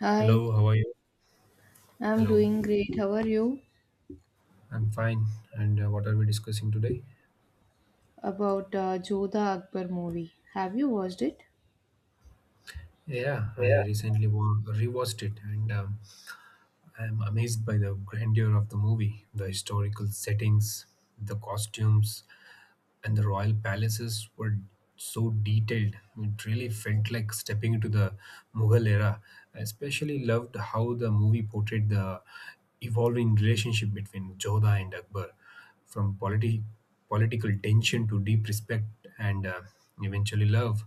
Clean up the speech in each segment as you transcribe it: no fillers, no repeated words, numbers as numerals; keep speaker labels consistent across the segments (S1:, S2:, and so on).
S1: Hi,
S2: Hello, how are you?
S1: I'm
S2: Hello,
S1: doing great. How are you?
S2: I'm fine. And What are we discussing today?
S1: About Jodha Akbar movie. Have you watched it?
S2: Yeah, I recently rewatched it, and I am amazed by the grandeur of the movie, the historical settings, the costumes, and the royal palaces were so detailed. It really felt like stepping into the Mughal era. I especially loved how the movie portrayed the evolving relationship between Jodha and Akbar, from political tension to deep respect and eventually love.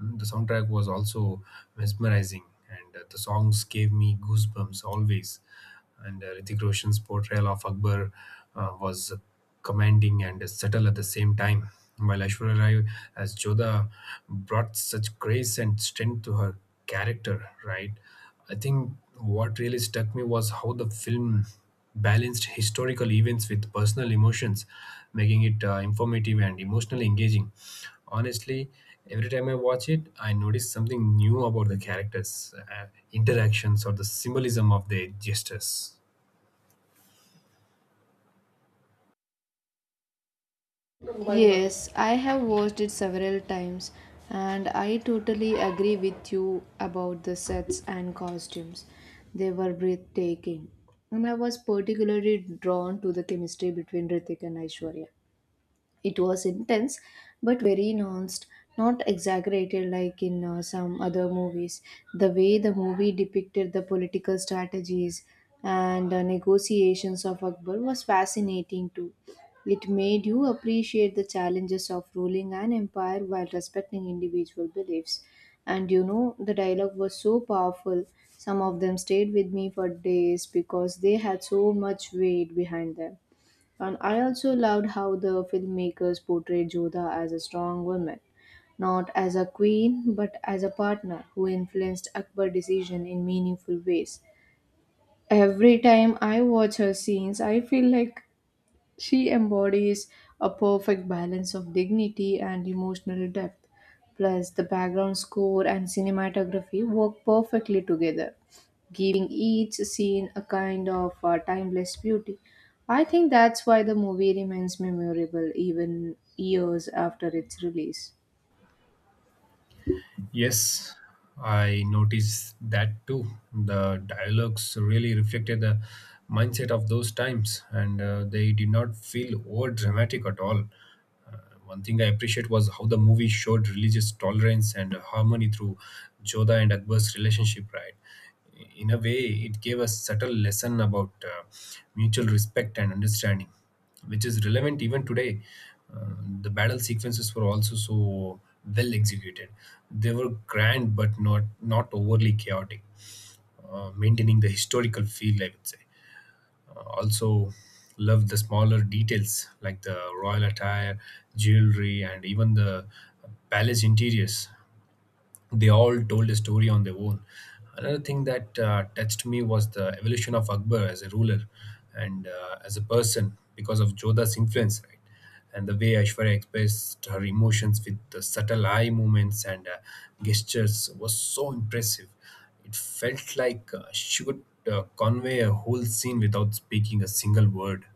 S2: The soundtrack was also mesmerizing, and the songs gave me goosebumps always. And Hrithik Roshan's portrayal of Akbar was commanding and subtle at the same time, while Aishwarya Rai as Jodha brought such grace and strength to her character. Right, I think what really struck me was how the film balanced historical events with personal emotions, making it informative and emotionally engaging. Honestly, every time I watch it, I notice something new about the characters, interactions, or the symbolism of their gestures.
S1: Yes, I have watched it several times and I totally agree with you about the sets and costumes. They were breathtaking. And I was particularly drawn to the chemistry between Ritik and Aishwarya. It was intense, but very nuanced, not exaggerated like in some other movies. The way the movie depicted the political strategies and negotiations of Akbar was fascinating too. It made you appreciate the challenges of ruling an empire while respecting individual beliefs. And you know, the dialogue was so powerful. Some of them stayed with me for days because they had so much weight behind them. And I also loved how the filmmakers portrayed Jodha as a strong woman, not as a queen, but as a partner who influenced Akbar's decision in meaningful ways. Every time I watch her scenes, I feel like she embodies a perfect balance of dignity and emotional depth, plus the background score and cinematography work perfectly together, giving each scene a kind of timeless beauty. I think that's why the movie remains memorable even years after its release.
S2: Yes, I noticed that too. The dialogues really reflected the mindset of those times, and they did not feel over dramatic at all. Uh, One thing I appreciate was how the movie showed religious tolerance and harmony through Joda and Akbar's relationship, right? In a way, it gave a subtle lesson about mutual respect and understanding, which is relevant even today. Uh, the battle sequences were also so well executed. They were grand but not overly chaotic, maintaining the historical feel, I would say. Also, love the smaller details like the royal attire, jewelry, and even the palace interiors — they all told a story on their own. Another thing that touched me was the evolution of Akbar as a ruler and as a person because of Jodha's influence, right? And the way Aishwarya expressed her emotions with the subtle eye movements and gestures was so impressive. It felt like she could convey a whole scene without speaking a single word.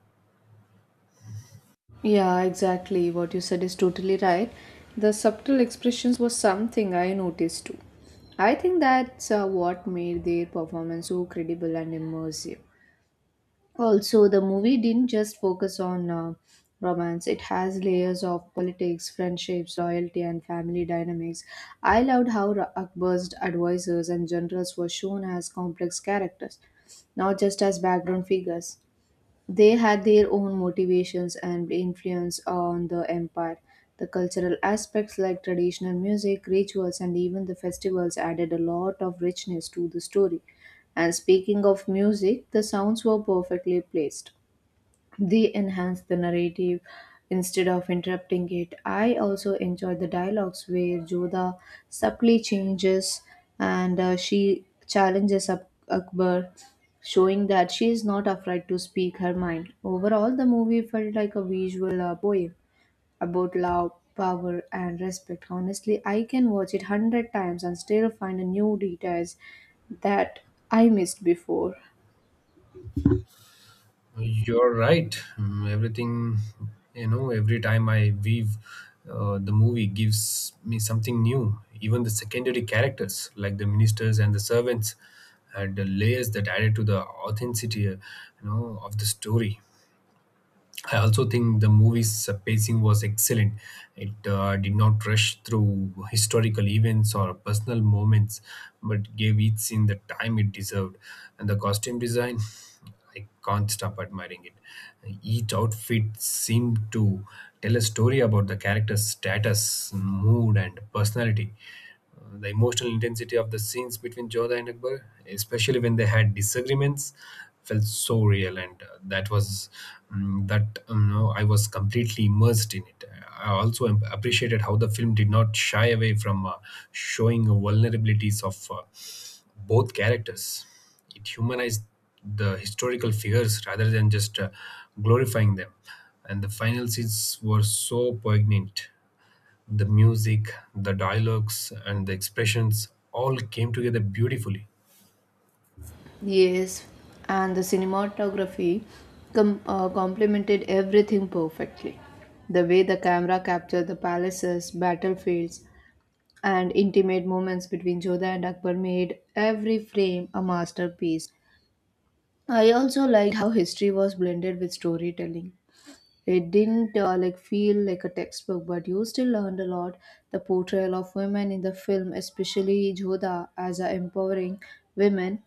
S1: Yeah, exactly. What you said is totally right. The subtle expressions was something I noticed too. I think that's what made their performance so credible and immersive. Also, the movie didn't just focus on romance, it has layers of politics, friendships, loyalty, and family dynamics. I loved how Akbar's advisors and generals were shown as complex characters, not just as background figures. They had their own motivations and influence on the empire. The cultural aspects like traditional music, rituals, and even the festivals added a lot of richness to the story. And speaking of music, the sounds were perfectly placed. They enhance the narrative instead of interrupting it. I also enjoy the dialogues where Joda subtly changes and she challenges Akbar, showing that she is not afraid to speak her mind. Overall, the movie felt like a visual poem about love, power, and respect. Honestly, I can watch it hundred times and still find a new details that I missed before.
S2: You're right. Everything, you know, every time I weave, the movie gives me something new. Even the secondary characters, like the ministers and the servants, had the layers that added to the authenticity, of the story. I also think the movie's pacing was excellent. It did not rush through historical events or personal moments, but gave each scene the time it deserved. And the costume design, I can't stop admiring it. Each outfit seemed to tell a story about the character's status, mood, and personality. The emotional intensity of the scenes between Jodha and Akbar, especially when they had disagreements, felt so real, and that was that no, I was completely immersed in it. I also appreciated how the film did not shy away from showing vulnerabilities of both characters. It humanized the historical figures rather than just glorifying them, and the final scenes were so poignant — the music, the dialogues, and the expressions all came together beautifully.
S1: Yes, and the cinematography complemented everything perfectly. The way the camera captured the palaces, battlefields, and intimate moments between Jodha and Akbar made every frame a masterpiece. I also liked how history was blended with storytelling. It didn't feel like a textbook, but you still learned a lot. The portrayal of women in the film, especially Jodha as a empowering women,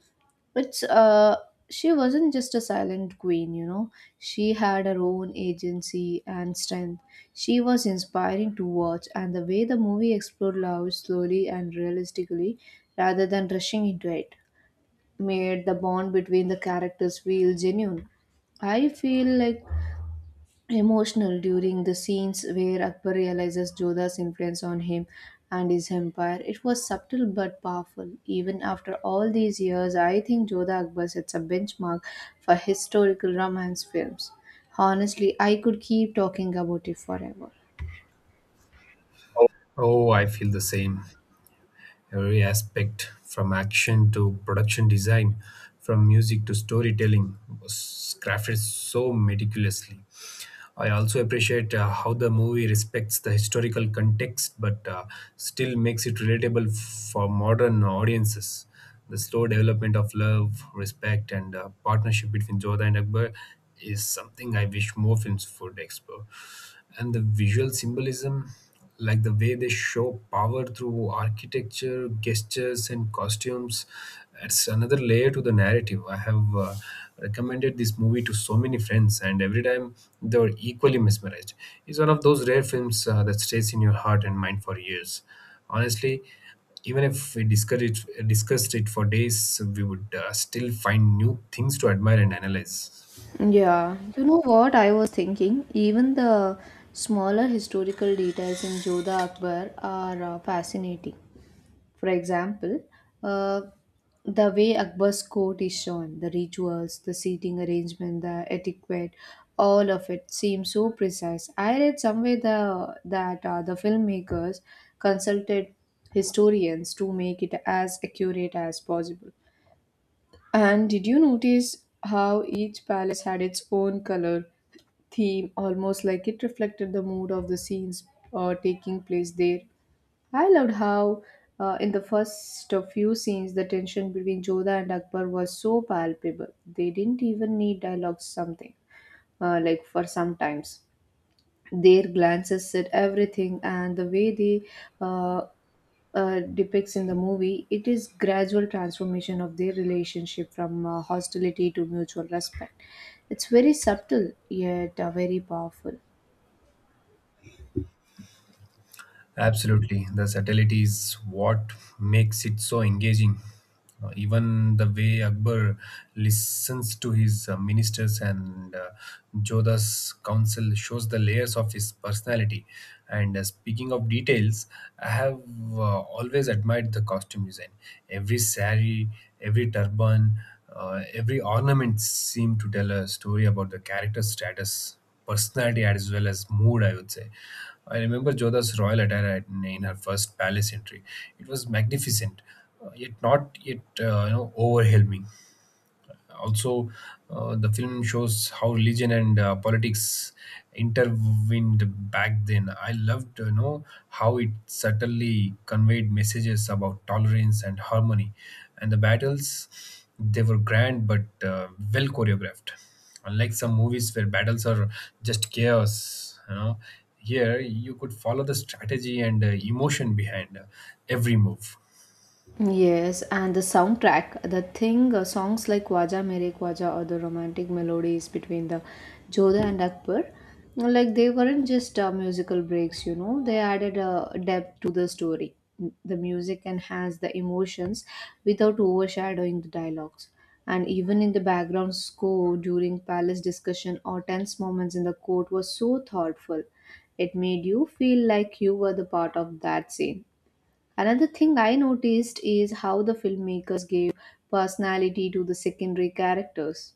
S1: it's she wasn't just a silent queen, you know. She had her own agency and strength. She was inspiring to watch and the way the movie explored love slowly and realistically rather than rushing into it made the bond between the characters feel genuine. I feel like emotional during the scenes where Akbar realizes Jodha's influence on him and his empire. It was subtle but powerful. Even after all these years, I think Jodha Akbar sets a benchmark for historical romance films. Honestly, I could keep talking about it forever.
S2: Oh, I feel the same. Every aspect, from action to production design, from music to storytelling, was crafted so meticulously. I also appreciate how the movie respects the historical context but still makes it relatable for modern audiences. The slow development of love, respect, and partnership between Jodha and Akbar is something I wish more films would explore. And the visual symbolism, like the way they show power through architecture, gestures and costumes — it's another layer to the narrative. I have recommended this movie to so many friends, and every time they were equally mesmerized. It's one of those rare films that stays in your heart and mind for years. Honestly, even if we discussed it for days, we would still find new things to admire and analyze.
S1: Yeah, you know what I was thinking? Even the smaller historical details in Jodha Akbar are fascinating. For example, uh, the way Akbar's court is shown, the rituals, the seating arrangement, the etiquette, all of it seems so precise. I read somewhere that the filmmakers consulted historians to make it as accurate as possible. And did you notice how each palace had its own color theme, almost like it reflected the mood of the scenes taking place there? I loved how, in the first few scenes, the tension between Jodha and Akbar was so palpable. They didn't even need dialogues, something like for sometimes. Their glances said everything, and the way they uh, depicts in the movie, it is gradual transformation of their relationship from hostility to mutual respect. It's very subtle yet very powerful.
S2: Absolutely. The subtlety is what makes it so engaging. Even the way Akbar listens to his ministers and Jodha's counsel shows the layers of his personality. And Speaking of details, I have always admired the costume design. Every sari, every turban, every ornament seem to tell a story about the character's status, personality as well as mood, I would say. I remember Jodha's royal attire in her first palace entry. It was magnificent, yet not yet you know, overwhelming. Also, the film shows how religion and politics intervened back then. I loved to know how it subtly conveyed messages about tolerance and harmony. And the battles, they were grand but well choreographed. Unlike some movies where battles are just chaos, you know, here you could follow the strategy and emotion behind every move.
S1: Yes, and the soundtrack, the thing, songs like Waja Mere Waja or the romantic melodies between the Jodha and Akbar, like they weren't just musical breaks, you know, they added a depth to the story. The music enhanced the emotions without overshadowing the dialogues. And even in the background score during palace discussion or tense moments in the court was so thoughtful. It made you feel like you were the part of that scene. Another thing I noticed is how the filmmakers gave personality to the secondary characters.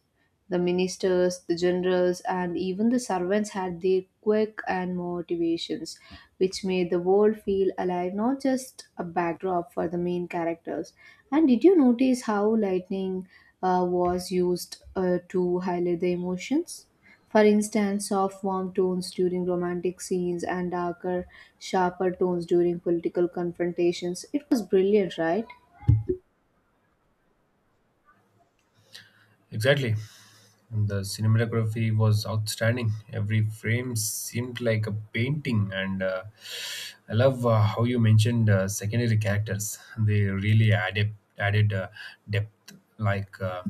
S1: The ministers, the generals, and even the servants had their quirk and motivations, which made the world feel alive, not just a backdrop for the main characters. And did you notice how lightning was used to highlight the emotions. For instance, soft, warm tones during romantic scenes and darker, sharper tones during political confrontations. It was brilliant, right?
S2: Exactly. And the cinematography was outstanding. Every frame seemed like a painting, and I love how you mentioned secondary characters. They really added depth. Like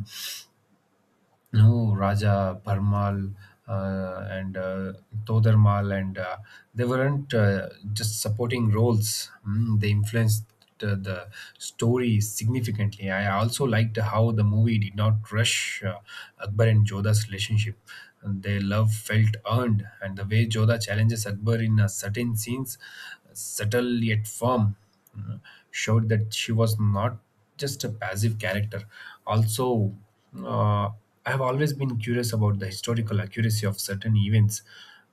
S2: no, Raja, Bharmal, and Todarmal, and they weren't just supporting roles. They influenced the story significantly. I also liked how the movie did not rush Akbar and Jodha's relationship. And their love felt earned, and the way Jodha challenges Akbar in certain scenes, subtle yet firm, uh, showed that she was not just a passive character. Also, uh, I have always been curious about the historical accuracy of certain events.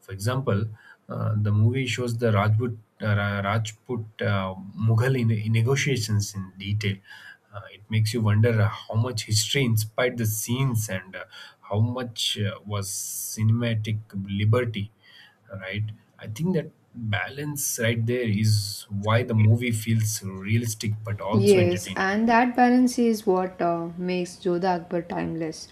S2: For example, the movie shows the Rajput, Rajput Mughal in negotiations in detail. It makes you wonder how much history inspired the scenes and how much was cinematic liberty, right? I think that balance right there is why the movie feels realistic but also
S1: Yes,
S2: entertaining.
S1: and that balance is what makes Jodha Akbar timeless.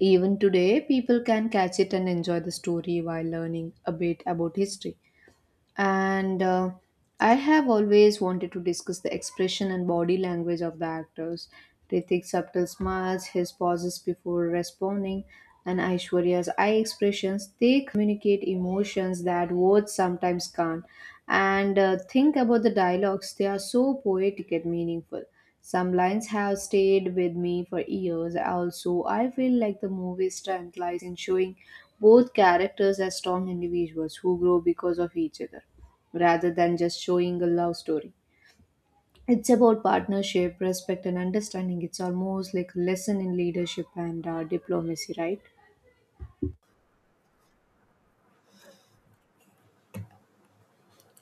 S1: Even today, people can catch it and enjoy the story while learning a bit about history. And I have always wanted to discuss the expression and body language of the actors. Ritik's subtle smiles, his pauses before responding, and Aishwarya's eye expressions, they communicate emotions that words sometimes can't. And think about the dialogues, they are so poetic and meaningful. Some lines have stayed with me for years. Also, I feel like the movie's strength lies in showing both characters as strong individuals who grow because of each other rather than just showing a love story. It's about partnership, respect, and understanding. It's almost like a lesson in leadership and diplomacy, right?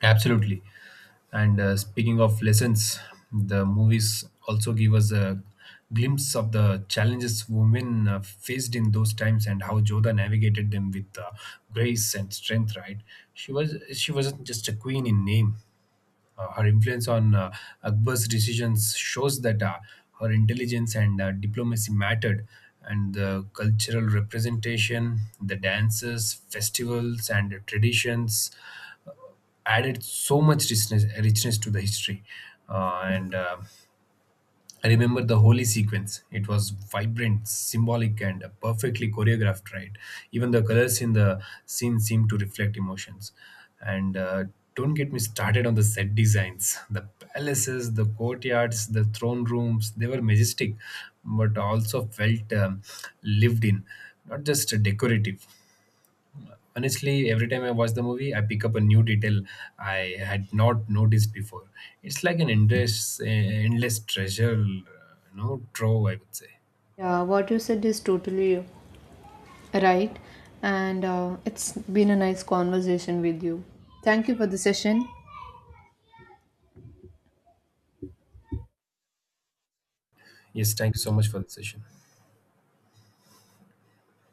S2: Absolutely. And Speaking of lessons, the movies also give us a glimpse of the challenges women faced in those times and how Joda navigated them with grace and strength. Right? She wasn't just a queen in name. Her influence on Akbar's decisions shows that her intelligence and diplomacy mattered. And the cultural representation, the dances, festivals, and traditions added so much richness to the history. And I remember the holy sequence. It was vibrant, symbolic and perfectly choreographed, right? Even the colors in the scene seemed to reflect emotions. And Don't get me started on the set designs — the palaces, the courtyards, the throne rooms, they were majestic but also felt lived in, not just decorative. Honestly, every time I watch the movie, I pick up a new detail I had not noticed before. It's like an endless treasure, trove, I would say.
S1: Yeah, what you said is totally right. And it's been a nice conversation with you. Thank you for the session.
S2: Yes, thank you so much for the session.